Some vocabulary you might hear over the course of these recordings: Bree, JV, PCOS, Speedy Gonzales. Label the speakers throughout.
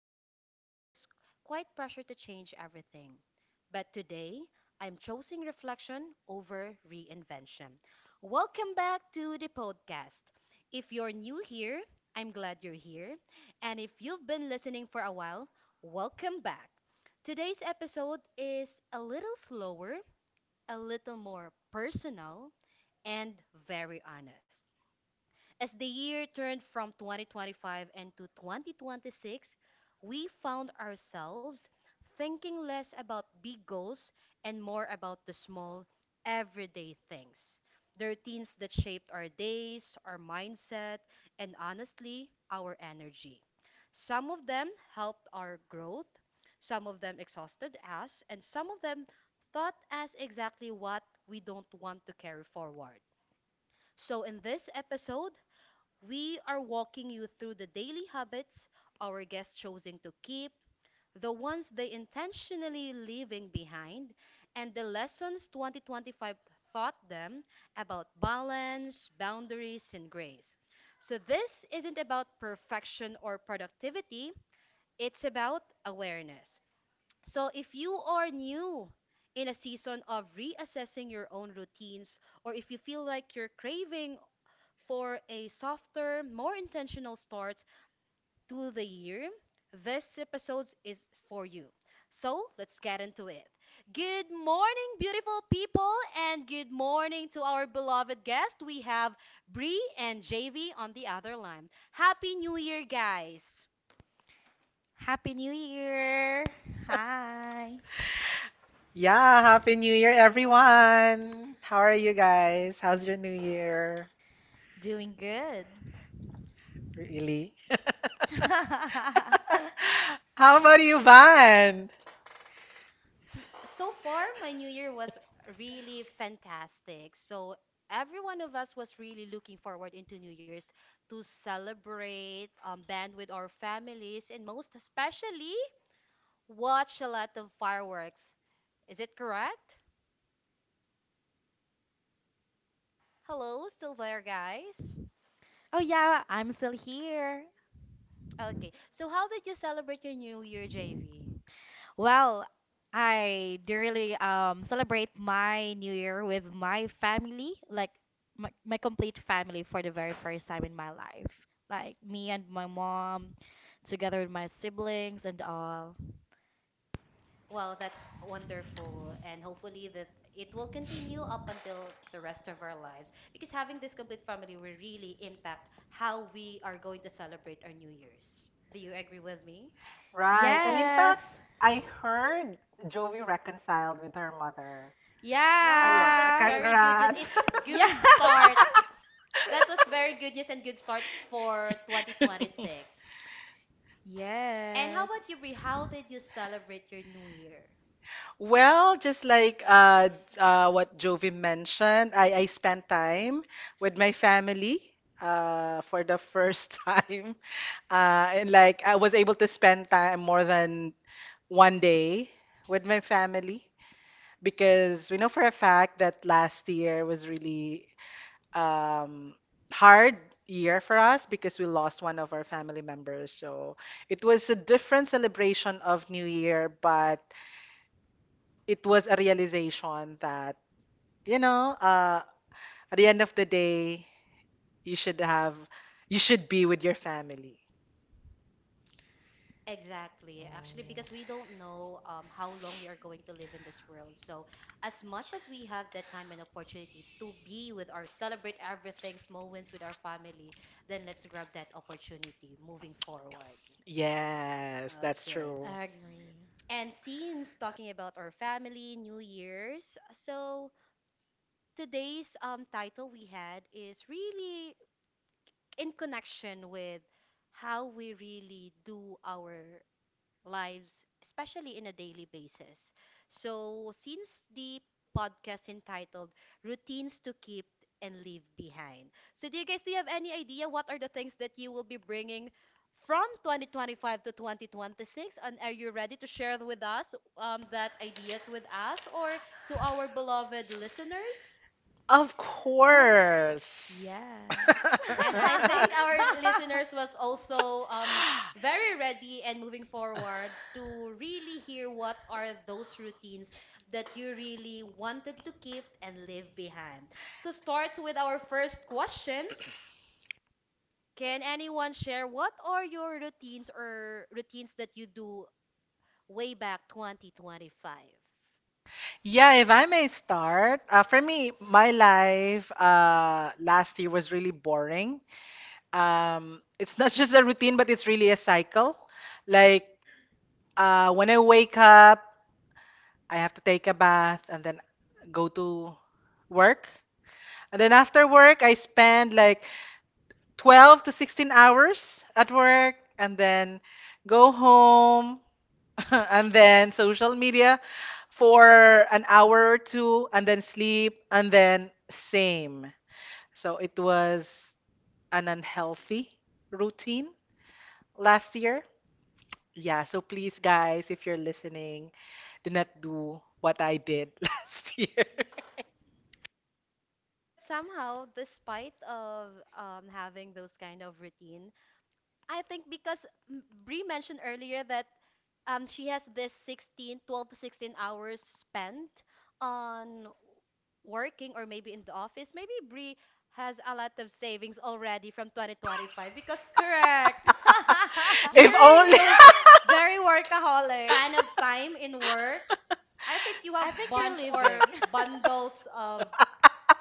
Speaker 1: always bring this quiet pressure to change everything. But today, I'm choosing reflection over reinvention. Welcome back to the podcast. If you're new here, I'm glad you're here. And if you've been listening for a while, welcome back. Today's episode is a little slower, a little more personal, and very honest. As the year turned from 2025 into 2026, we found ourselves thinking less about big goals and more about the small, everyday things. The routines that shaped our days, our mindset, and honestly, our energy. Some of them helped our growth, some of them exhausted us, and some of them taught us exactly what we don't want to carry forward. So, in this episode, we are walking you through the daily habits our guests choosing to keep, the ones they intentionally leaving behind, and the lessons 2025 taught them about balance, boundaries, and grace. So, this isn't about perfection or productivity, it's about awareness. So, if you are new in a season of reassessing your own routines, or if you feel like you're craving for a softer, more intentional start to the year, this episode is for you. So let's get into it. Good morning, beautiful people, and good morning to our beloved guest. We have Bree and JV on the other line. Happy New Year, guys!
Speaker 2: Happy New Year! Hi!
Speaker 3: Yeah, Happy New Year, everyone! How are you guys? How's your New Year?
Speaker 2: Doing good.
Speaker 3: Really? How about you, Van?
Speaker 1: So far, my new year was really fantastic. So every one of us was really looking forward into New Year's to celebrate, band with our families, and most especially watch a lot of fireworks. Is it correct? Hello, still there, guys?
Speaker 2: Oh, yeah, I'm still here.
Speaker 1: Okay. So how did you celebrate your New Year, JV?
Speaker 2: Well, I do really celebrate my New Year with my family, like my complete family for the very first time in my life. Like me and my mom, together with my siblings and all.
Speaker 1: Well, that's wonderful, and hopefully that it will continue up until the rest of our lives. Because having this complete family will really impact how we are going to celebrate our New Year's. Do you agree with me?
Speaker 3: Right, and in fact,
Speaker 2: Yes!
Speaker 3: I heard Joey reconciled with her mother. Oh,
Speaker 1: Wow,
Speaker 3: yeah,
Speaker 1: that's
Speaker 2: Yeah!
Speaker 1: very good news.
Speaker 3: congrats!
Speaker 1: It's
Speaker 2: Yeah!
Speaker 1: good start. That was very good news and good start for 2026. And how
Speaker 2: Yes,
Speaker 1: about you, Bri? How did you celebrate your New Year?
Speaker 3: Well, just like what Jovi mentioned, I spent time with my family for the first time. And like I was able to spend time more than one day with my family, because we know for a fact that last year was really um, hard year for us because we lost one of our family members. So it was a different celebration of New Year, but it was a realization that you know uh, at the end of the day you should have you should be with your family. Mm.
Speaker 1: Exactly. Actually, because we don't know how long we are going to live in this world. So, as much as we have that time and opportunity to be with our, celebrate everything, small wins with our family, then let's grab that opportunity moving forward.
Speaker 3: Yes, that's
Speaker 1: Okay.
Speaker 3: true.
Speaker 2: I agree.
Speaker 1: And since talking about our family, New Year's, so today's title we had is really in connection with how we really do our lives, especially in a daily basis. So, since the podcast entitled Routines to Keep and Leave Behind, so do you guys do you have any idea what are the things that you will be bringing from 2025 to 2026? And are you ready to share with us that ideas with us or to our beloved listeners?
Speaker 3: Of
Speaker 2: Um,
Speaker 3: course.
Speaker 2: Yes.
Speaker 1: And I think our listeners was also very ready and moving forward to really hear what are those routines that you really wanted to keep and leave behind. To start with our first questions, can anyone share what are your routines or routines that you do way back 2025?
Speaker 3: Yeah, if I may start. For me, my life last year was really boring. It's not just a routine, but it's really a cycle. Like, when I wake up, I have to take a bath and then go to work. And then after work, I spend like 12 to 16 hours at work, and then go home and then social media for an hour or two and then sleep and then same. So it was an unhealthy routine last year. Yeah, so please, guys, if you're listening, do not do what I did last year.
Speaker 1: But somehow, despite of having those kind of routine, I think because Brie mentioned earlier that she has this 16, 12 to 16 hours spent on working or maybe in the office. Maybe Brie has a lot of savings already from 2025 because
Speaker 2: Correct.
Speaker 3: if
Speaker 1: hearing
Speaker 3: only
Speaker 1: those
Speaker 2: Very workaholic.
Speaker 1: span of time in work, I think you have
Speaker 2: I think you're
Speaker 1: bunch
Speaker 2: leaving.
Speaker 1: or bundles of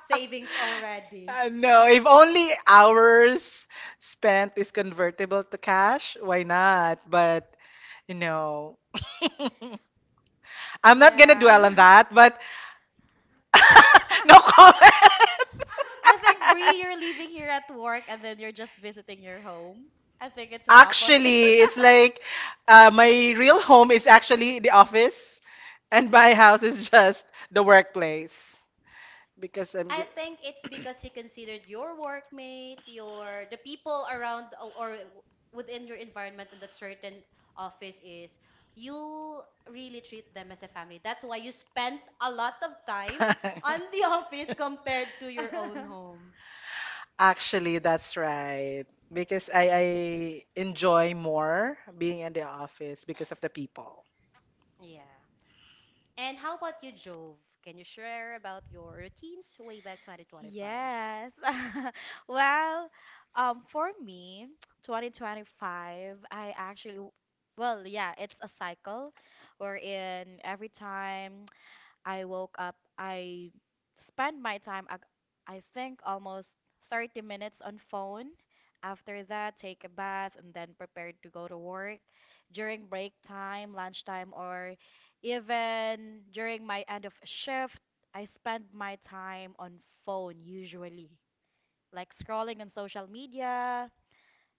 Speaker 1: savings already.
Speaker 3: No, if only hours spent is convertible to cash, why not? But, you know, I'm not gonna
Speaker 2: Yeah.
Speaker 3: dwell on that, but no comment.
Speaker 2: I think Bree, you're leaving here at work and then you're just visiting your home. I think it's an opposite.
Speaker 3: Actually, it's like, my real home is actually the office, and my house is just the workplace because I'm
Speaker 1: I
Speaker 3: just
Speaker 1: think it's because you considered your workmate, your the people around within your environment in that certain office is you really treat them as a family. That's why you spent a lot of time on the office compared to your own home.
Speaker 3: actually that's right. Because I enjoy more being in the office because of the people.
Speaker 1: Yeah. And how about you, Jove? Can you share about your routines way back 2025?
Speaker 2: Yes. Well, for me, 2025, I actually, well, yeah, it's a cycle wherein every time I woke up. I spent my time, I think, almost 30 minutes on phone. After that, take a bath and then prepared to go to work. During break time, lunchtime, or even during my end of shift, I spend my time on phone usually, like scrolling on social media,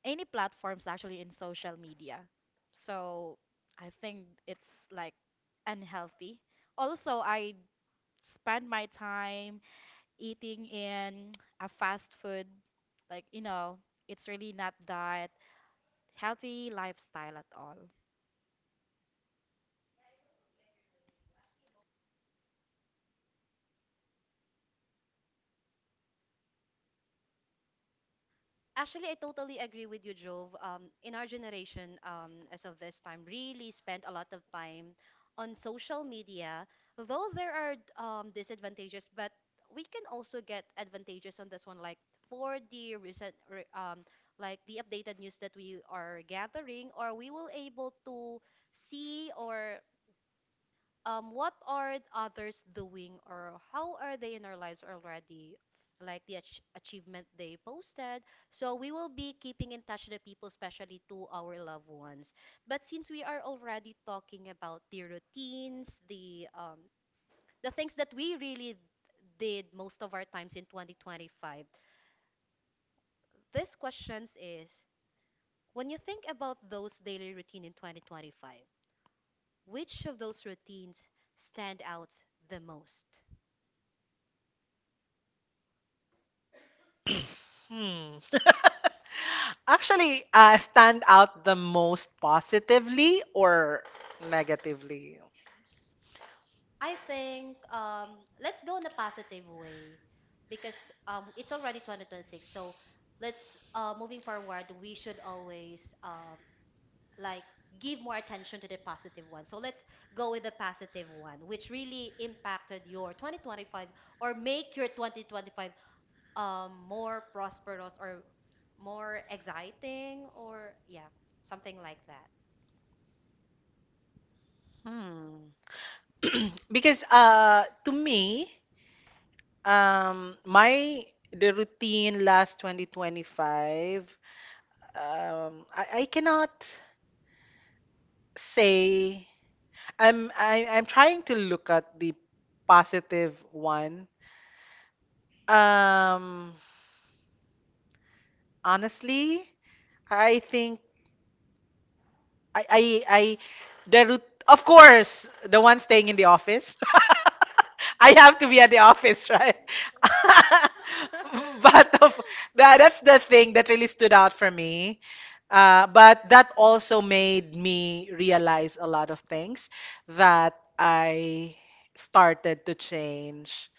Speaker 2: any platforms actually in social media. So I think it's like unhealthy. Also, I spend my time eating in a fast food, like it's really not that healthy lifestyle at all.
Speaker 1: Actually, I totally agree with you, Jove. In our generation, as of this time, really spent a lot of time on social media. Though there are disadvantages, but we can also get advantages on this one. Like for the recent, like the updated news that we are gathering, or we will able to see or what are others doing or how are they in our lives already? Like the achievement they posted. So we will be keeping in touch with the people, especially to our loved ones. But since we are already talking about the routines, the things that we really did most of our times in 2025, this questions is when you think about those daily routine in 2025, which of those routines stand out the most?
Speaker 3: Hmm. Actually, stand out the most positively or negatively?
Speaker 1: I think let's go in a positive way because it's already 2026. So let's moving forward, we should always, like give more attention to the positive one. So let's go with the positive one, which really impacted your 2025 or make your 2025 more prosperous or more exciting, or yeah, something like
Speaker 3: Hmm. Because to me, my the routine last 2025, I cannot say, I'm trying to look at the positive one. Um Honestly, I think I I I the root, of course, the one staying in the office. I have to be at the office, right?
Speaker 1: that.
Speaker 3: but of, that's the thing that really stood out for me. But that also made me realize a lot of things that I started to change,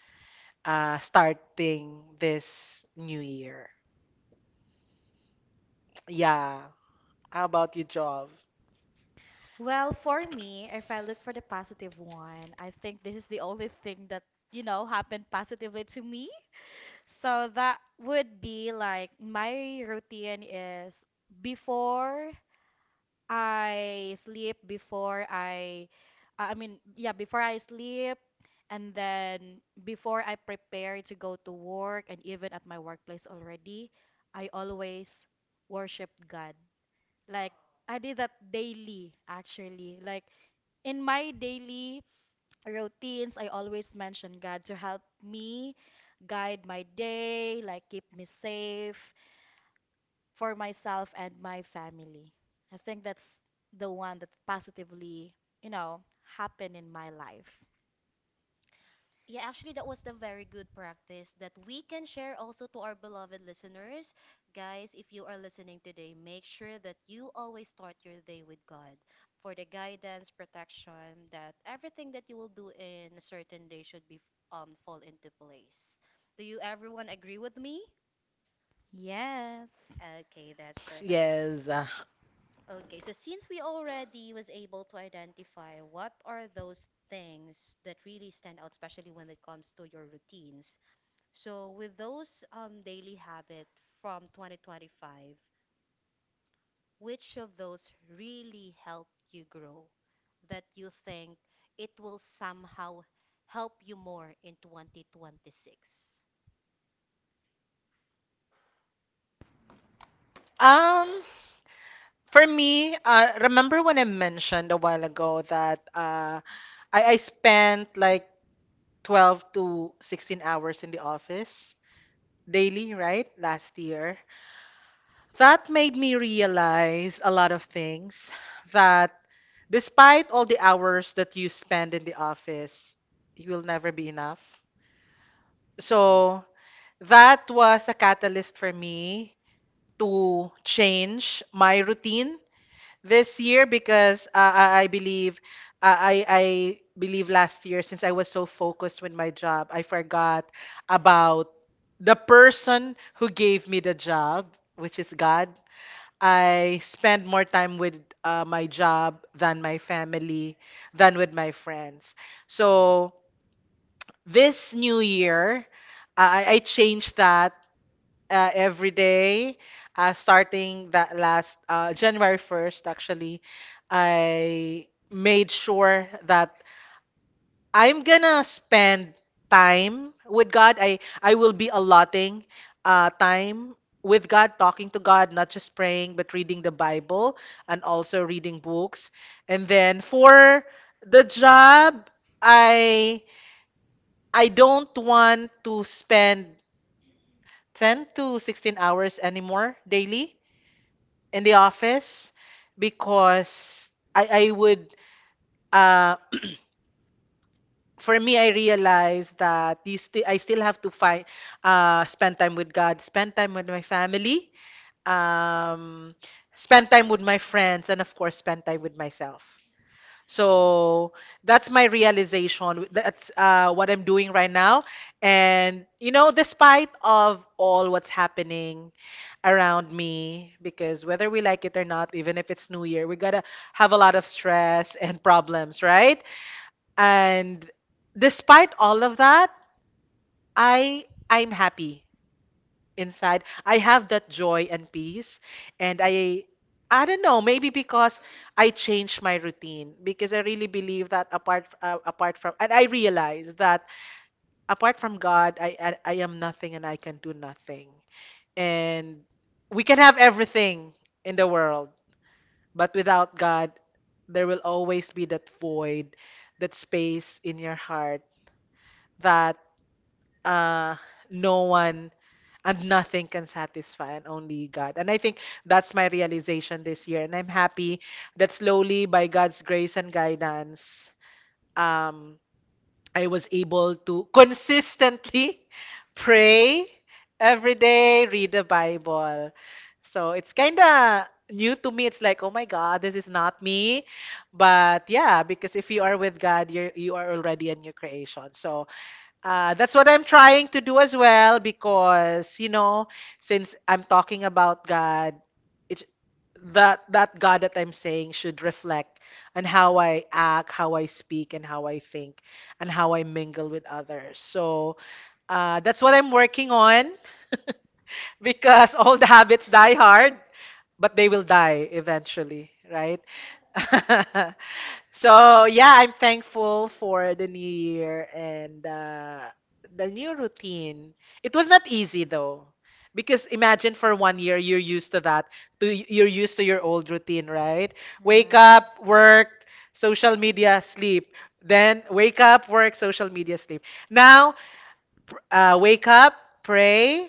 Speaker 3: starting this new year. Yeah. How about you, Jov?
Speaker 2: Well, for me, if I look for the positive one, I think this is the only thing that happened positively to me. So that would be like my routine is before before I mean, yeah, before I sleep, and then before I prepare to go to work, and even at my workplace already, I always worship God. Like, I did that daily, actually. Like, in my daily routines, I always mention God to help me guide my day, like, keep me safe for myself and my family. I think that's the one that positively, you know, happened in my life.
Speaker 1: Yeah, actually, that was the very good practice that we can share also to our beloved listeners. Guys, if you are listening today, make sure that you always start your day with God for the guidance, protection, that everything that you will do in a certain day should be fall into place. Do you everyone agree with me?
Speaker 2: Yes.
Speaker 1: Okay, that's perfect.
Speaker 3: Yes.
Speaker 1: Okay, so since we already was able to identify what are those things that really stand out, especially when it comes to your routines. So, with those daily habits from 2025, which of those really helped you grow that you think it will somehow help you more in 2026?
Speaker 3: Um, For me, remember when I mentioned a while ago that, I spent like 12 to 16 hours in the office daily, right? Last year. That made me realize a lot of things: that despite all the hours that you spend in the office, you will never be enough. So that was a catalyst for me to change my routine this year, because I believe last year, since I was so focused with my job, I forgot about the person who gave me the job, which is God. I spend more time with, my job than my family, than with my friends. So this new year, I changed that. Every day, starting that last, January 1st, actually, I made sure that I'm gonna spend time with God. I will be allotting, time with God, talking to God, not just praying, but reading the Bible and also reading books. And then for the job, I I don't want to spend 10 to 16 hours anymore daily in the office, because I would uh for me, I realized that you still I still have to find, spend time with God, spend time with my family, um spend time with my friends, and of course spend time with myself. So that's my realization. That's, what I'm doing right now. And despite of all what's happening around me, because whether we like it or not, even if it's New Year, we gotta have a lot of stress and problems, right? And despite all of that, I'm happy inside. I have that joy and peace, and I don't know, maybe because I changed my routine, because I really believe that apart from and I realize that apart from god, I am nothing and I can do nothing, and we can have everything in the world, but without god there will always be that void, that space in your heart, that, uh, no one and nothing can satisfy, and only God. And I think that's my realization this year. And I'm happy that slowly, by God's grace and guidance, um, I was able to consistently pray every day, read the Bible. So it's kind of new to me. It's like, oh my God, this is not me. But yeah, because if you are with God, you are already a new creation. So, that's what I'm trying to do as well, because since I'm talking about God, it that that God that I'm saying should reflect on how I act, how I speak, and how I think, and how I mingle with others. So, that's what I'm working on. Because all the habits die hard, but they will die eventually, right? So, yeah, I'm thankful for the new year and, the new routine. It was not easy though, because imagine for one year you're used to that, to you're used to your old routine, right? Wake
Speaker 2: Right.
Speaker 3: up, work, social media, sleep. Then wake up, work, social media, sleep. Now, wake up, pray,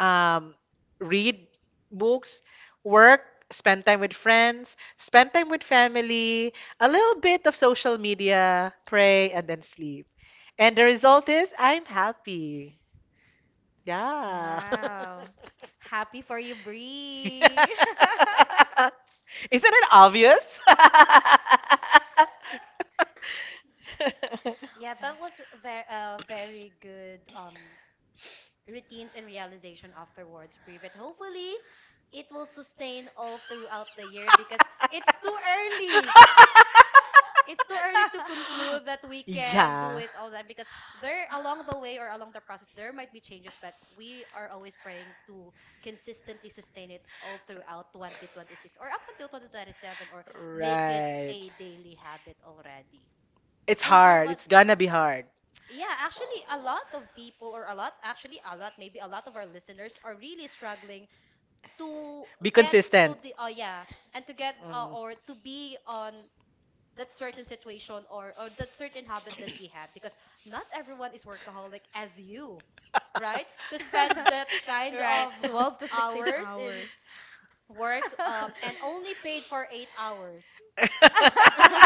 Speaker 3: um, read books, work, spend time with friends, spend time with family, a little bit of social media, pray, and then sleep. And the result is I'm happy. Yeah.
Speaker 2: Wow. Happy for you, Bree.
Speaker 3: Isn't it obvious?
Speaker 1: Yeah, that was very good routines and realization afterwards, Brie. But hopefully it will sustain all throughout the year because it's too early to conclude that we can do
Speaker 3: Yeah.
Speaker 1: it all time because there along the way or along the process there might be changes, but we are always praying to consistently sustain it all throughout 2026 or up until 2027, or make it
Speaker 3: Right.
Speaker 1: a daily habit already.
Speaker 3: It's
Speaker 1: And how
Speaker 3: hard.
Speaker 1: about,
Speaker 3: It's gonna be hard.
Speaker 1: yeah, actually a lot of people, or a lot actually a lot maybe a lot of our listeners are really struggling to
Speaker 3: Be
Speaker 1: get to
Speaker 3: consistent.
Speaker 1: the oh yeah, and to get or to be on that certain situation, or that certain habit that you have because not everyone is workaholic as you,
Speaker 3: Mhm.
Speaker 1: right, to spend that kind
Speaker 2: Right.
Speaker 1: of
Speaker 2: 12 to 16
Speaker 1: hours in
Speaker 2: hours.
Speaker 1: works and only paid for 8 hours.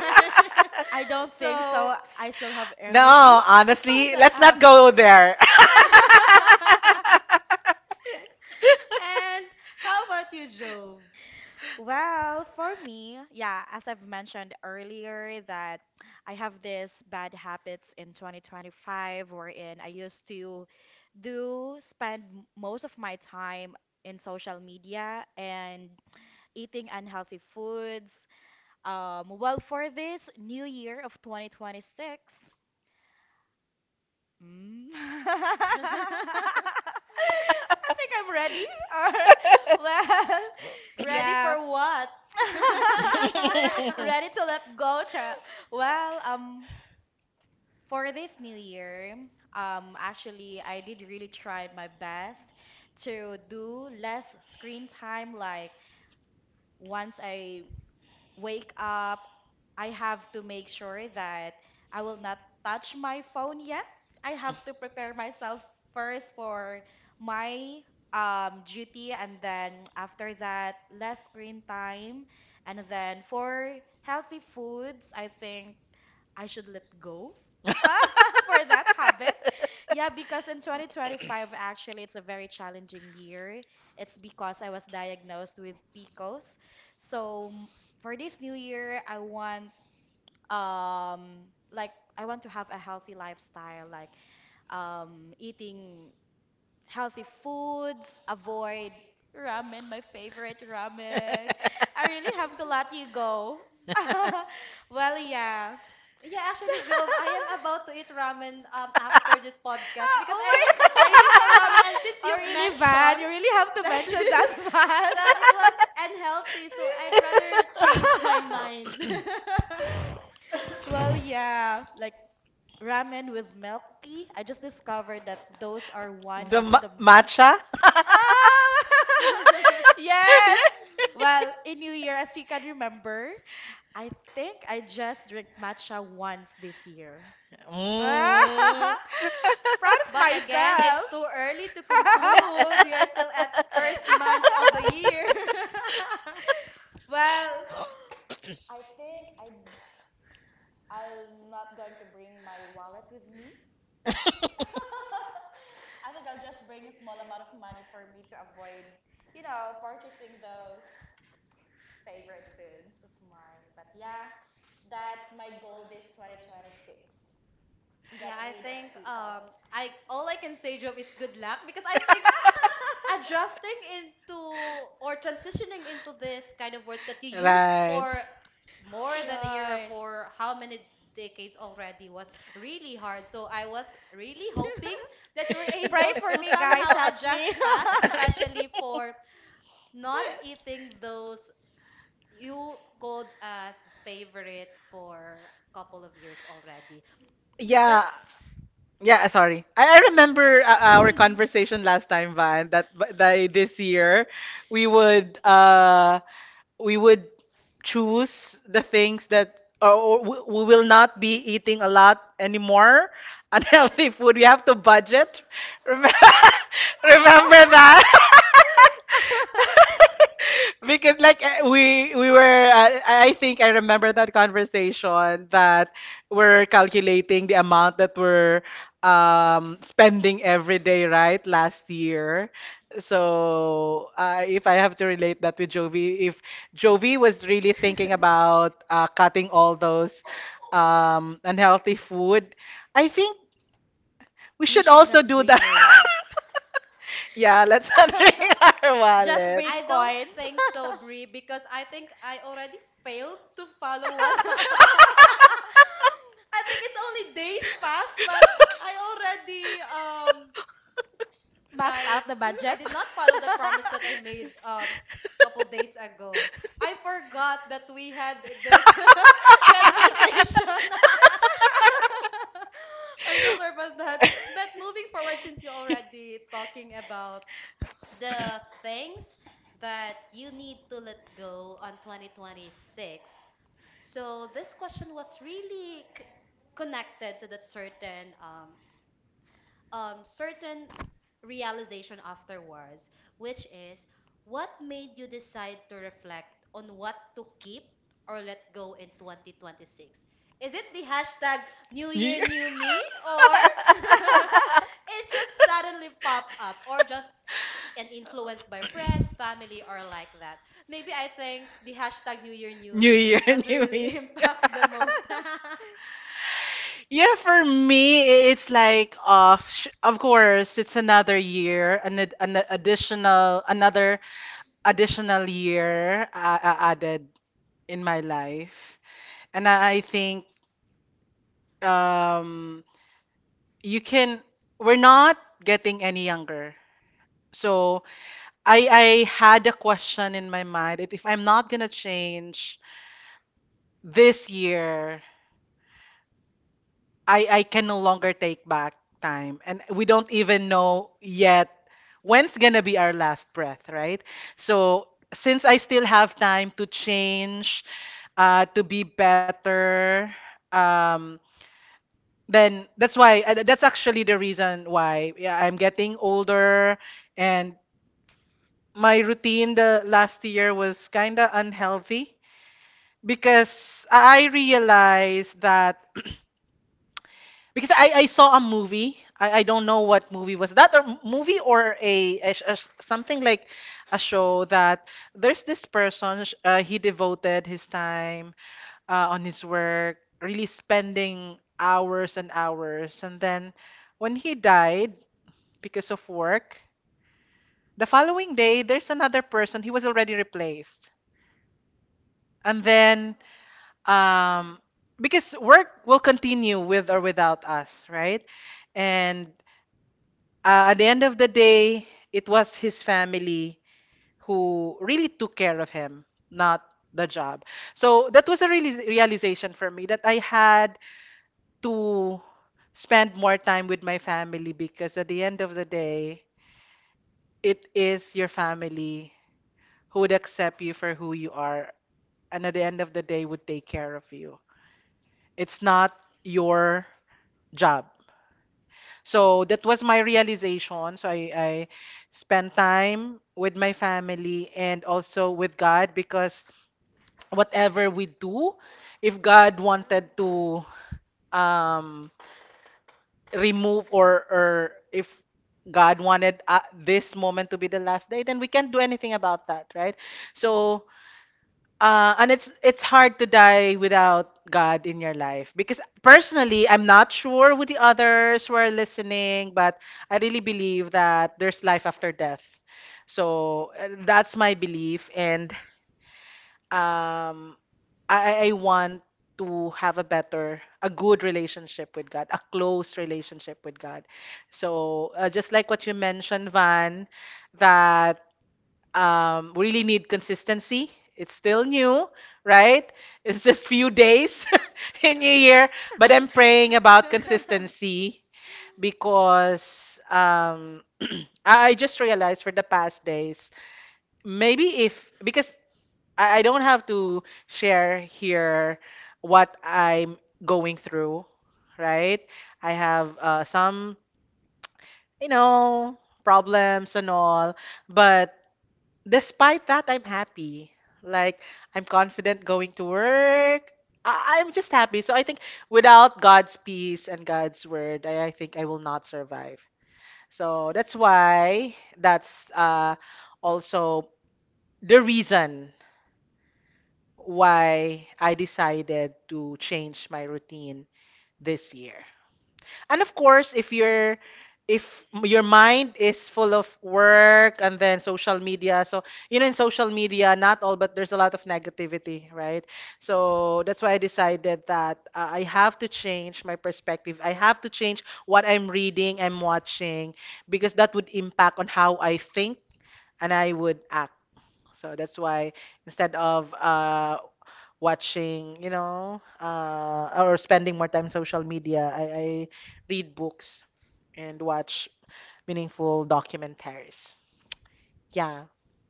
Speaker 2: I don't think
Speaker 1: So
Speaker 2: so. I still have energy
Speaker 3: No,
Speaker 2: on
Speaker 3: honestly,
Speaker 2: that
Speaker 3: let's not
Speaker 2: hours.
Speaker 3: go there.
Speaker 1: and how about you, job?
Speaker 2: Well, for me, yeah, as I've mentioned earlier, that I have this bad habits in 2025 wherein I used to do spend most of my time in social media and eating unhealthy foods. Well, for this new year of 2026, I think I'm ready. Or, well,
Speaker 1: Ready for
Speaker 2: yeah.
Speaker 1: what?
Speaker 2: Ready to let go, cha. Well, for this new year, actually, I did really try my best to do less screen time. Like once I wake up, I have to make sure that I will not touch my phone yet. I have to prepare myself first for my duty, and then after that, less screen time. And then for healthy foods, I think I should let go for that habit. Yeah, because in 2025, actually, it's a very challenging year. It's because I was diagnosed with PCOS. So for this new year, um like I want to have a healthy lifestyle, like eating healthy foods, avoid ramen, my favorite ramen. I really have to let you go. Well, yeah.
Speaker 1: Yeah, actually, Jove, I am about to eat ramen after this podcast
Speaker 2: Ah,
Speaker 1: because
Speaker 2: oh
Speaker 1: I was craving
Speaker 2: my.
Speaker 1: for ramen, and since
Speaker 2: Oh
Speaker 1: you've
Speaker 2: really, Van?
Speaker 1: mentioned
Speaker 2: You really have to
Speaker 1: that
Speaker 2: mention that, Van.
Speaker 1: that it was unhealthy, so I'd rather change my mind.
Speaker 2: Well, yeah, like ramen with milk tea. I just discovered that those are one
Speaker 3: The
Speaker 2: of the
Speaker 3: matcha?
Speaker 2: Ah! Yes. Well, in New Year, as you can remember, I think I just drank matcha once this year. Proud
Speaker 3: Mm.
Speaker 2: of
Speaker 1: But again, it's
Speaker 2: myself.
Speaker 1: too early to conclude. We are still at first month of the year.
Speaker 2: Well, I think I'm not going to bring my wallet with me. I think I'll just bring a small amount of money for me to avoid purchasing those favorite foods of mine. But yeah, that's my goal this 2026. Get
Speaker 1: Yeah, I
Speaker 2: rid of
Speaker 1: think
Speaker 2: pickles.
Speaker 1: I all I can say Job is good luck because I think adjusting into or transitioning into this kind of words that you used
Speaker 3: Right.
Speaker 1: for more than a year or
Speaker 2: Right.
Speaker 1: for how many decades already was really hard. So I was really hoping
Speaker 2: Pray
Speaker 1: that you were able
Speaker 2: for
Speaker 1: to
Speaker 2: me, guys.
Speaker 1: somehow
Speaker 2: Help me.
Speaker 1: adjust fast, especially for not eating those you called as favorite for a couple of years already. But
Speaker 3: Yeah, yeah. Sorry, I remember, our conversation last time, Van. That by this year, we would, we would choose the things, that or we will not be eating a lot anymore unhealthy food. We have to budget. Remember, remember that? Because like, we were, I think I remember that conversation, that we're calculating the amount that we're spending every day, right? Last year. So, if I have to relate that with Jovi, if Jovi was really thinking about, cutting all those unhealthy food, I think we
Speaker 2: You
Speaker 3: should
Speaker 2: should
Speaker 3: also
Speaker 2: not
Speaker 3: do
Speaker 2: bring
Speaker 3: that.
Speaker 2: your wallet.
Speaker 3: Yeah, let's unring our
Speaker 2: Just
Speaker 3: wallet.
Speaker 2: bring
Speaker 1: I don't
Speaker 2: coins.
Speaker 1: think so, Brie, because I think I already failed to follow what. I think it's only days past, but I already
Speaker 2: Max
Speaker 1: like
Speaker 2: out the
Speaker 1: I
Speaker 2: budget.
Speaker 1: did not follow that promise that I made couple days ago. I forgot that we had this conversation. I'm so sorry about that. But moving forward, since you're already talking about the things that you need to let go on 2026. So this question was really connected to that certain certain realization afterwards, which is what made you decide to reflect on what to keep or let go in 2026? Is it the hashtag New
Speaker 3: New
Speaker 1: Year
Speaker 3: Year.
Speaker 1: New Me, or it just suddenly popped up, or just and influenced by friends, family, or like that. Maybe I think the hashtag New Year New
Speaker 3: New
Speaker 1: Me
Speaker 3: Year,
Speaker 1: was
Speaker 3: New
Speaker 1: really
Speaker 3: Me.
Speaker 1: impact the most.
Speaker 3: Yeah, for me, it's like, of course, it's another year, an additional, another additional year, added in my life. And I think, um, you can, we're not getting any younger. So I had a question in my mind, that if I'm not gonna change this year, I can no longer take back time, and we don't even know yet when's going to be our last breath, right? So since I still have time to change, to be better, um then that's actually the reason why, yeah, I'm getting older, and my routine the last year was kind of unhealthy, because I realized that because I saw a movie. I don't know what movie was that, or movie, or something like a show, that there's this person, he devoted his time, on his work, really spending hours and hours. And then when he died because of work, the following day there's another person, he was already replaced. And then, um, because work will continue with or without us, right? And, at the end of the day, it was his family who really took care of him, not the job. So that was a really realization for me, that I had to spend more time with my family, because at the end of the day, it is your family who would accept you for who you are, and at the end of the day would take care of you. It's not your job. So that was my realization. So I spent time with my family and also with God, because whatever we do, if God wanted to, um, remove, or if God wanted, this moment to be the last day, then we can't do anything about that, right? So, and it's hard to die without God in your life, because personally, I'm not sure who the others were listening, but I really believe that there's life after death. That's my belief. And um, I want to have a better, a good relationship with God, a close relationship with God. Just like what you mentioned, Van, that we really need consistency. It's still new, right? It's just few days in a year, but I'm praying about consistency because I just realized for the past days, maybe if because I don't have to share here what I'm going through, right? I have some, you know, problems and all, but despite that, I'm happy. Like, I'm confident going to work. I'm just happy. So I think without God's peace and God's word, I think I will not survive. So that's why that's also the reason why I decided to change my routine this year. And of course, if you're if m- your mind is full of work and then social media, so you know in social media, not all, but there's a lot of negativity, right? So that's why I decided that I have to change my perspective. I have to change what I'm reading, I'm watching, because that would impact on how I think and I would act. So that's why instead of watching, or spending more time social media. I read books and watch meaningful documentaries. Yeah,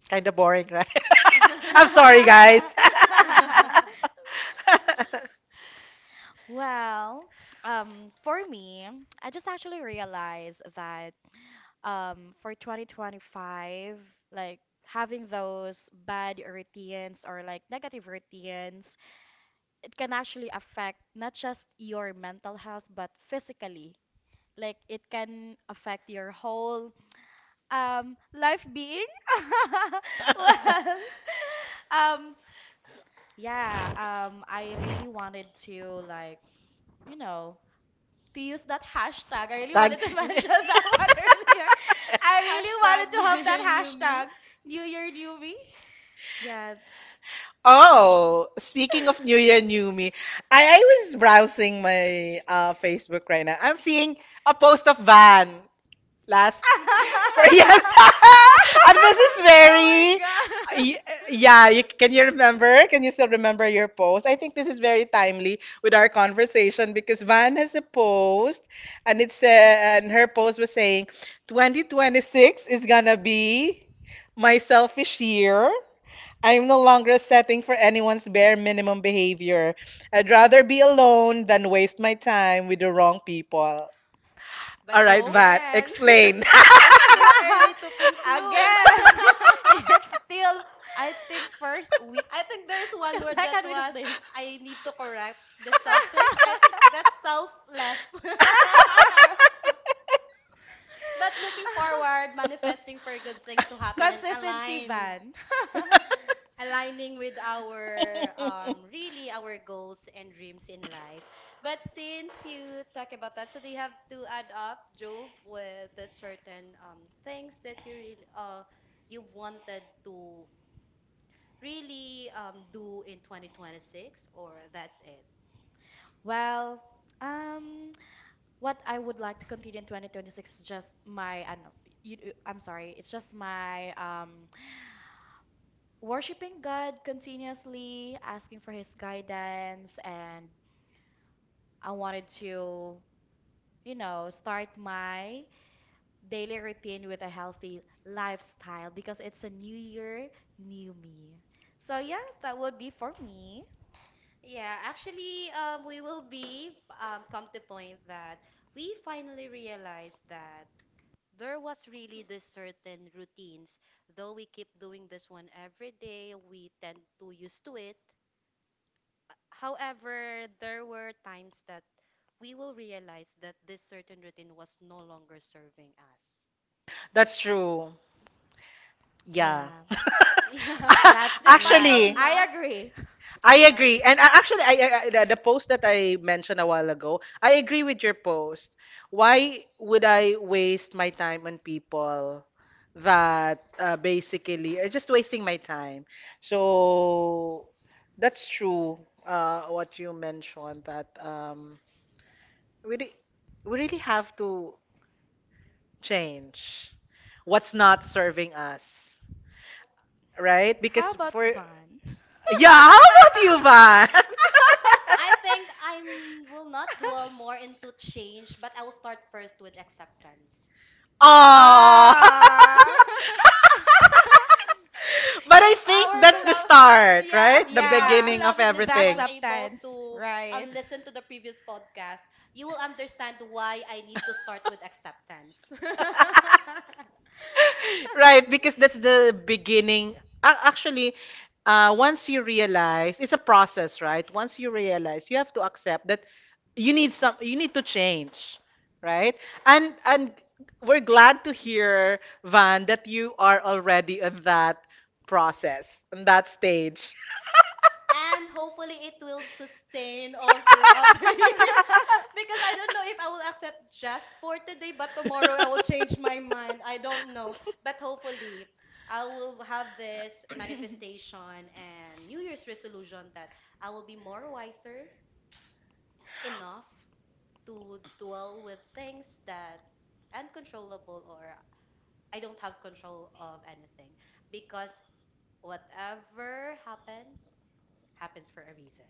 Speaker 3: kind of boring, right? I'm sorry, guys.
Speaker 1: Yeah.
Speaker 2: Well, for me, I just actually realized that for 2025, like having those bad routines or like negative routines, it can actually affect not just your mental health, but physically. Like it can affect your whole life being. Well, um, yeah, I really wanted to like, you know, to use that hashtag. I really
Speaker 3: Tag.
Speaker 2: wanted to mention that one earlier. I really wanted
Speaker 1: Hashtag
Speaker 2: to
Speaker 1: New
Speaker 2: have that
Speaker 1: Year New Me.
Speaker 2: hashtag. New Year, New Me. Yeah.
Speaker 3: Oh, speaking of New Year, New Me, I was browsing my Facebook right now. I'm seeing a post of Van last for yes, and Mrs.
Speaker 1: Oh my
Speaker 3: Mary. Y-
Speaker 1: god.
Speaker 3: Yeah, you, can you remember? Can you still remember your post? I think this is very timely with our conversation because Van has a post, and it's and her post was saying 2026 is gonna be my selfish year. I'm no longer setting for anyone's bare minimum behavior. I'd rather be alone than waste my time with the wrong people.
Speaker 1: But
Speaker 3: All right,
Speaker 2: Oh.
Speaker 3: Vat,
Speaker 1: again,
Speaker 3: explain.
Speaker 1: it's too early to conclude.
Speaker 2: Again. It's still, I think, first week,
Speaker 1: I think there's one word that
Speaker 2: second week of
Speaker 1: was
Speaker 2: the week.
Speaker 1: I need to correct, the selfish. I think that's selfless. But looking forward, manifesting for good things to happen and
Speaker 2: Consistency, Van.
Speaker 1: aligning with our really our goals and dreams in life. But since you talk about that, so do you have to add up, Jove, with the certain things that you really you wanted to really do in 2026, or that's it?
Speaker 2: Well, um, what I would like to continue in 2026 is just I know, I'm sorry, it's just my worshiping God continuously, asking for His guidance, and I wanted to start my daily routine with a healthy lifestyle because it's a new year, new me. So yeah, that would be for me.
Speaker 1: We will be come to point that we finally realized that there was really this certain routines though we keep doing this one every day we tend to used to it. However, there were times that we will realize that this certain routine was no longer serving us.
Speaker 3: That's true. Yeah.
Speaker 2: Yeah,
Speaker 1: Yeah,
Speaker 2: that's
Speaker 1: despite
Speaker 2: right.
Speaker 1: of
Speaker 3: Actually,
Speaker 2: I
Speaker 1: not.
Speaker 2: agree.
Speaker 3: I
Speaker 1: Yeah,
Speaker 3: agree. And actually, the post that I mentioned a while ago, I agree with your post. Why would I waste my time on people that basically are just wasting my time? So that's true. What you mentioned that we re- we really have to change what's not serving us, right? Because
Speaker 2: How about
Speaker 3: for
Speaker 2: Van?
Speaker 3: Yeah, how about you, Van?
Speaker 1: I think I will not dwell more into change, but I will start first with acceptance.
Speaker 3: Oh.
Speaker 2: Ah.
Speaker 3: But I
Speaker 1: If
Speaker 3: think
Speaker 1: our
Speaker 3: that's the
Speaker 1: beloved,
Speaker 3: start, right? The
Speaker 1: if our
Speaker 2: Yeah.
Speaker 3: beginning of
Speaker 1: beloved
Speaker 2: The
Speaker 1: listener was
Speaker 3: everything.
Speaker 1: able
Speaker 2: acceptance,
Speaker 1: to
Speaker 2: right?
Speaker 1: listen to the previous podcast, you will understand why I need to start with acceptance.
Speaker 3: Right, because that's the beginning. Actually, once you realize, it's a process, right? Once you realize, you have to accept that you need some, you need to change, right? And we're glad to hear, Van, that you are already on that process, on that stage.
Speaker 1: And hopefully it will sustain all throughout the year, because I don't know if I will accept just for today but tomorrow I will change my mind, I don't know, but hopefully I will have this manifestation and New Year's resolution that I will be more wiser enough to dwell with things that uncontrollable, or I don't have control of anything, because whatever happens happens for a reason.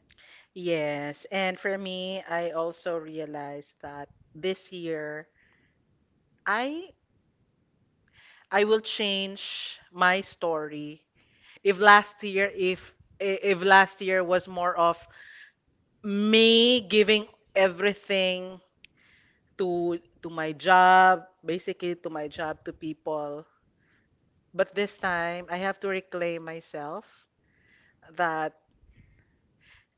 Speaker 3: Yes, and for me, I also realized that this year I I will change my story. If last year if last year was more of me giving everything to my job, basically to my job, to people. But this time I have to reclaim myself that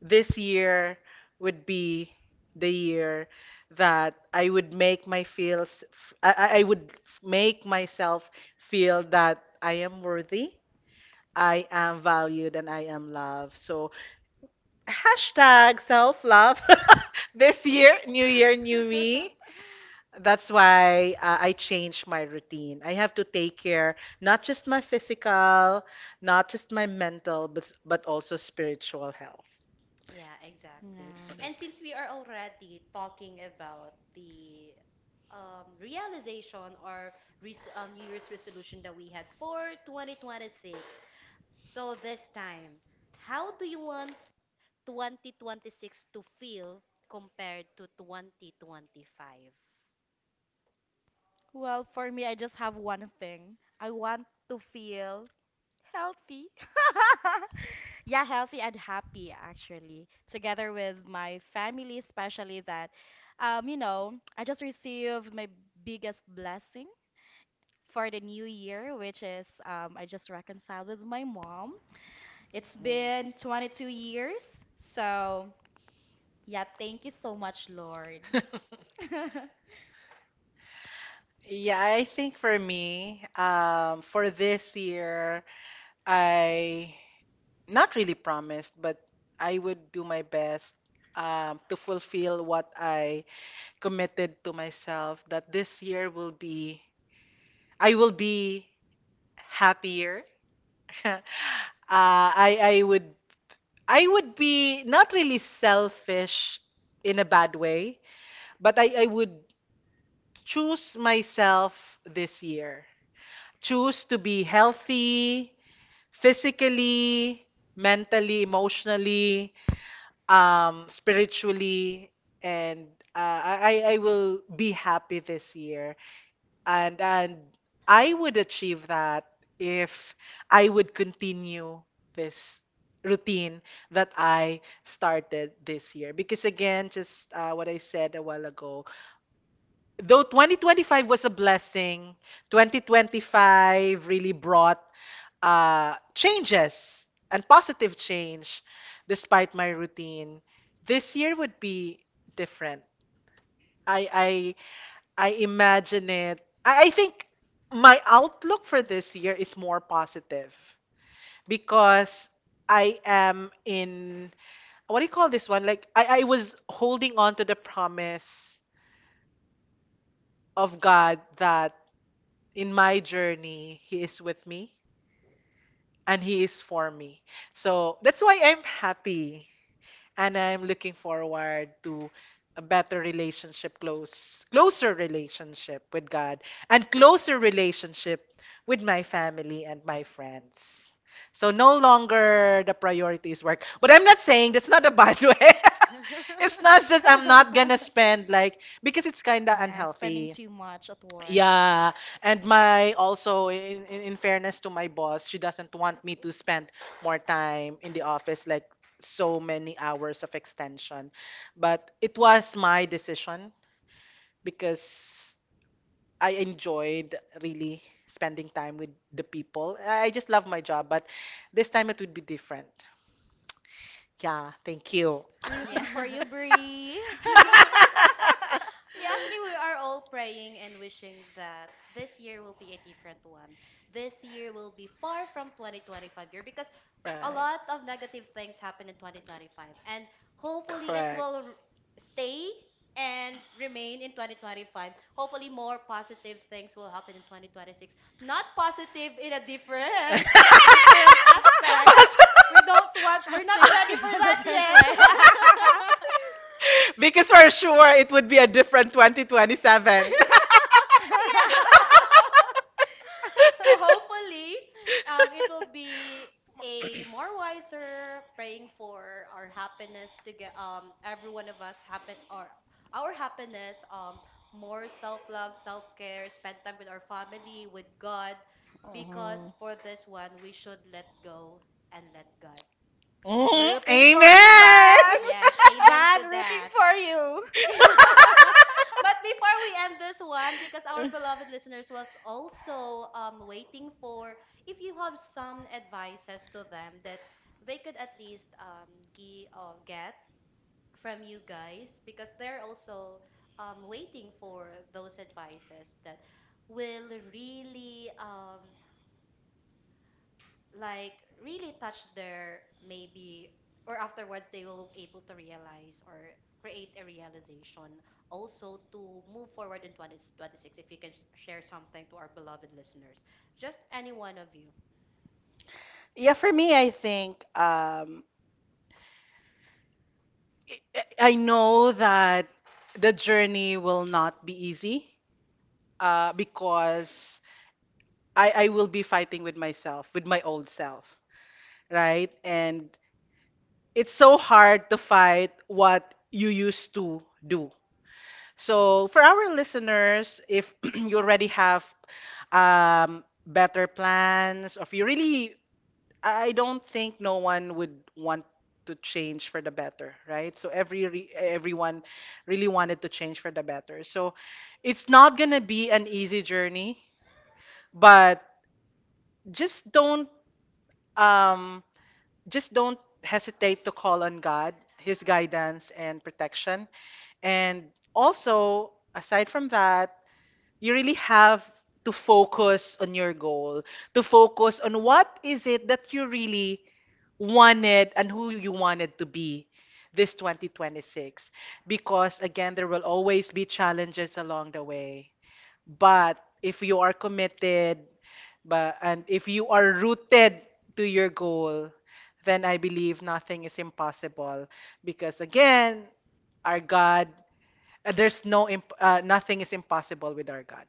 Speaker 3: this year would be the year that I would make my feels make myself feel that I am worthy, I am valued, and I am loved. So hashtag self love this year, new me. That's why I changed my routine. I have to take care not just my physical, not just my mental, but also spiritual health.
Speaker 1: Yeah, exactly.
Speaker 2: Yeah.
Speaker 1: And since we are already talking about the realization, or res New Year's resolution that we had for 2026, so this time, how do you want 2026 to feel compared to 2025?
Speaker 2: Well, for me, I just have one thing. I want to feel healthy. Yeah, healthy and happy actually. Together with my family, especially that I just received my biggest blessing for the new year, which is I just reconciled with my mom. It's been 22 years. So, yeah, thank you so much, Lord.
Speaker 3: Yeah, I think for me, for this year, I not really promised, but I would do my best to fulfill what I committed to myself that this year will be, I will be happier. I would be not really selfish in a bad way, but I would choose myself this year. Choose to be healthy physically, mentally, emotionally, spiritually, and I will be happy this year. And I would achieve that if I would continue this routine that I started this year. Because again, just what I said a while ago, though 2025 was a blessing, 2025 really brought changes and positive change despite my routine. This year would be different. I I I imagine it. I think my outlook for this year is more positive because I am in what do you call this one? Like I was holding on to the promise of God that in my journey, He is with me and He is for me. So that's why I'm happy and I'm looking forward to a better relationship, close, closer relationship with God and closer relationship with my family and my friends. So no longer the priority is work. But I'm not saying that's not a bad way. It's not just I'm not gonna spend like because it's kinda
Speaker 2: Yeah, spending
Speaker 3: unhealthy
Speaker 2: too much at work.
Speaker 3: yeah, and my also in fairness to my boss, she doesn't want me to spend more time in the office like so many hours of extension. But it was my decision because I enjoyed really spending time with the people. I just love my job, but this time it would be different. Yeah, thank you.
Speaker 1: Yeah.
Speaker 2: Rooting for you, Bree.
Speaker 1: Yeah, actually we are all praying and wishing that this year will be a different one. This year will be far from 2025 year, because
Speaker 3: Right.
Speaker 1: a lot of negative things happen in 2025, and hopefully it
Speaker 3: Correct.
Speaker 1: will stay and remain in 2025. Hopefully more positive things will happen in 2026. Not positive in a different different aspect.
Speaker 3: Mas-
Speaker 1: We don't want
Speaker 2: I'm
Speaker 1: we're not ready
Speaker 2: thinking
Speaker 1: for
Speaker 2: a
Speaker 1: that
Speaker 2: different
Speaker 1: yet.
Speaker 2: way.
Speaker 3: because for sure it would be a different 2027.
Speaker 1: Yeah. So hopefully, it will be a more wiser praying for our happiness to get every one of us happen, or our happiness, more self love, self care, spend time with our family, with God, because for this one we should let go and let God.
Speaker 3: Mhm, mhm.
Speaker 2: Rooting for you,
Speaker 3: Amen.
Speaker 2: Van.
Speaker 1: Yes, amen
Speaker 2: Van,
Speaker 1: to
Speaker 2: rooting
Speaker 1: that.
Speaker 2: for you.
Speaker 1: But before we end this one, because our beloved listeners was also waiting for, if you have some advices to them that they could at least get from you guys, because they're also waiting for those advices that will really like really touch their maybe, or afterwards they will able to realize or create a realization also to move forward in 2026, if you can share something to our beloved listeners, just any one of you.
Speaker 3: Yeah, for me, I think I know that the journey will not be easy because I will be fighting with myself, with my old self, right? And it's so hard to fight what you used to do. So, for our listeners, if you already have better plans, or if you really, I don't think no one would want to change for the better, right? So everyone really wanted to change for the better. So it's not gonna be an easy journey, but just don't um, just don't hesitate to call on God, His guidance and protection. And also, aside from that, you really have to focus on your goal, to focus on what is it that you really wanted and who you wanted to be this 2026. Because again, there will always be challenges along the way. But if you are committed, but and if you are rooted to your goal, then I believe nothing is impossible. Because again, our God, there's no imp- nothing is impossible with our God.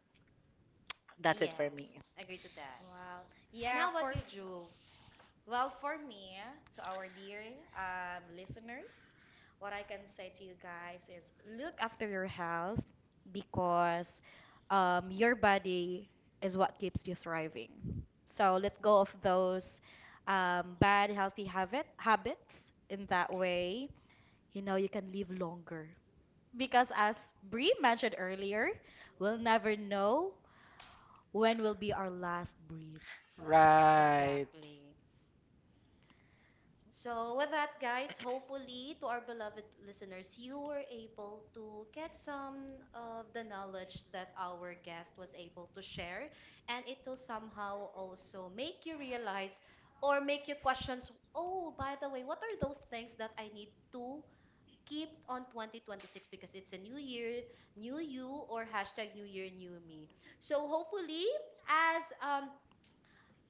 Speaker 3: That's it for
Speaker 1: Yes,
Speaker 3: me.
Speaker 1: agree to that.
Speaker 2: Wow.
Speaker 1: And
Speaker 2: Yeah,
Speaker 1: how about
Speaker 2: for
Speaker 1: you,
Speaker 2: me.
Speaker 1: Juve?
Speaker 2: Well, for me, to our dear listeners, what I can say to you guys is look after your health because your body is what keeps you thriving. So let go of those bad healthy habits. In that way, you know you can live longer. Because as Bree mentioned earlier, we'll never know when will be our last breath.
Speaker 3: Right.
Speaker 1: Exactly. So, with that, guys, hopefully to our beloved listeners, you were able to get some of the knowledge that our guest was able to share, and it will somehow also make you realize or make you questions. Oh, by the way, what are those things that I need to keep on 2026, because it's a new year, new you, or hashtag new year, new me. So, hopefully, as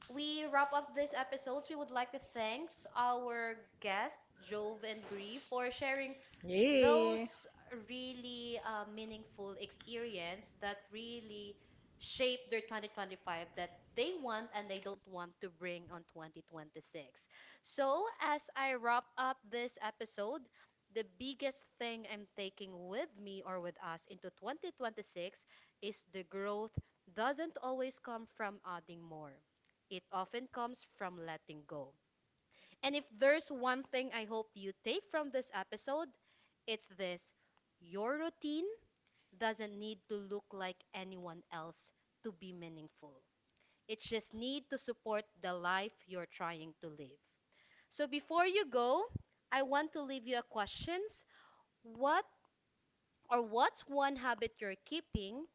Speaker 1: we wrap up this episode, we would like to thank our guests, Jove and Bree, for sharing
Speaker 3: Yay. Yeah.
Speaker 1: those really meaningful experience that really shape their 2025, that they want and they don't want to bring on 2026. So, as I wrap up this episode, the biggest thing I'm taking with me or with us into 2026 is the growth doesn't always come from adding more. It often comes from letting go. And if there's one thing I hope you take from this episode, it's this: your routine doesn't need to look like anyone else to be meaningful. It just need to support the life you're trying to live. So before you go, I want to leave you a questions. What, or what's one habit you're keeping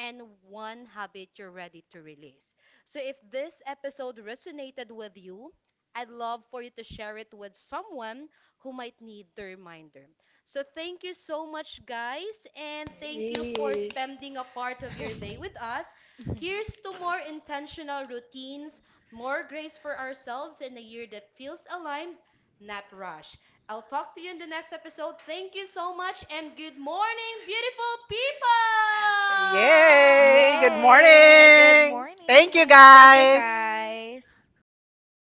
Speaker 1: and one habit you're ready to release? So if this episode resonated with you, I'd love for you to share it with someone who might need the reminder. So thank you so much, guys, and thank you for spending a part of your day with us. Here's to more intentional routines, more grace for ourselves, and a year that feels aligned, not rushed. I'll talk to you in the next episode. Thank you so much and good morning, beautiful people!
Speaker 3: Yay. Good
Speaker 2: Yay! Good
Speaker 3: morning. Thank you,
Speaker 2: morning. Thank
Speaker 1: Thank
Speaker 2: you
Speaker 3: guys.
Speaker 1: you.
Speaker 2: guys.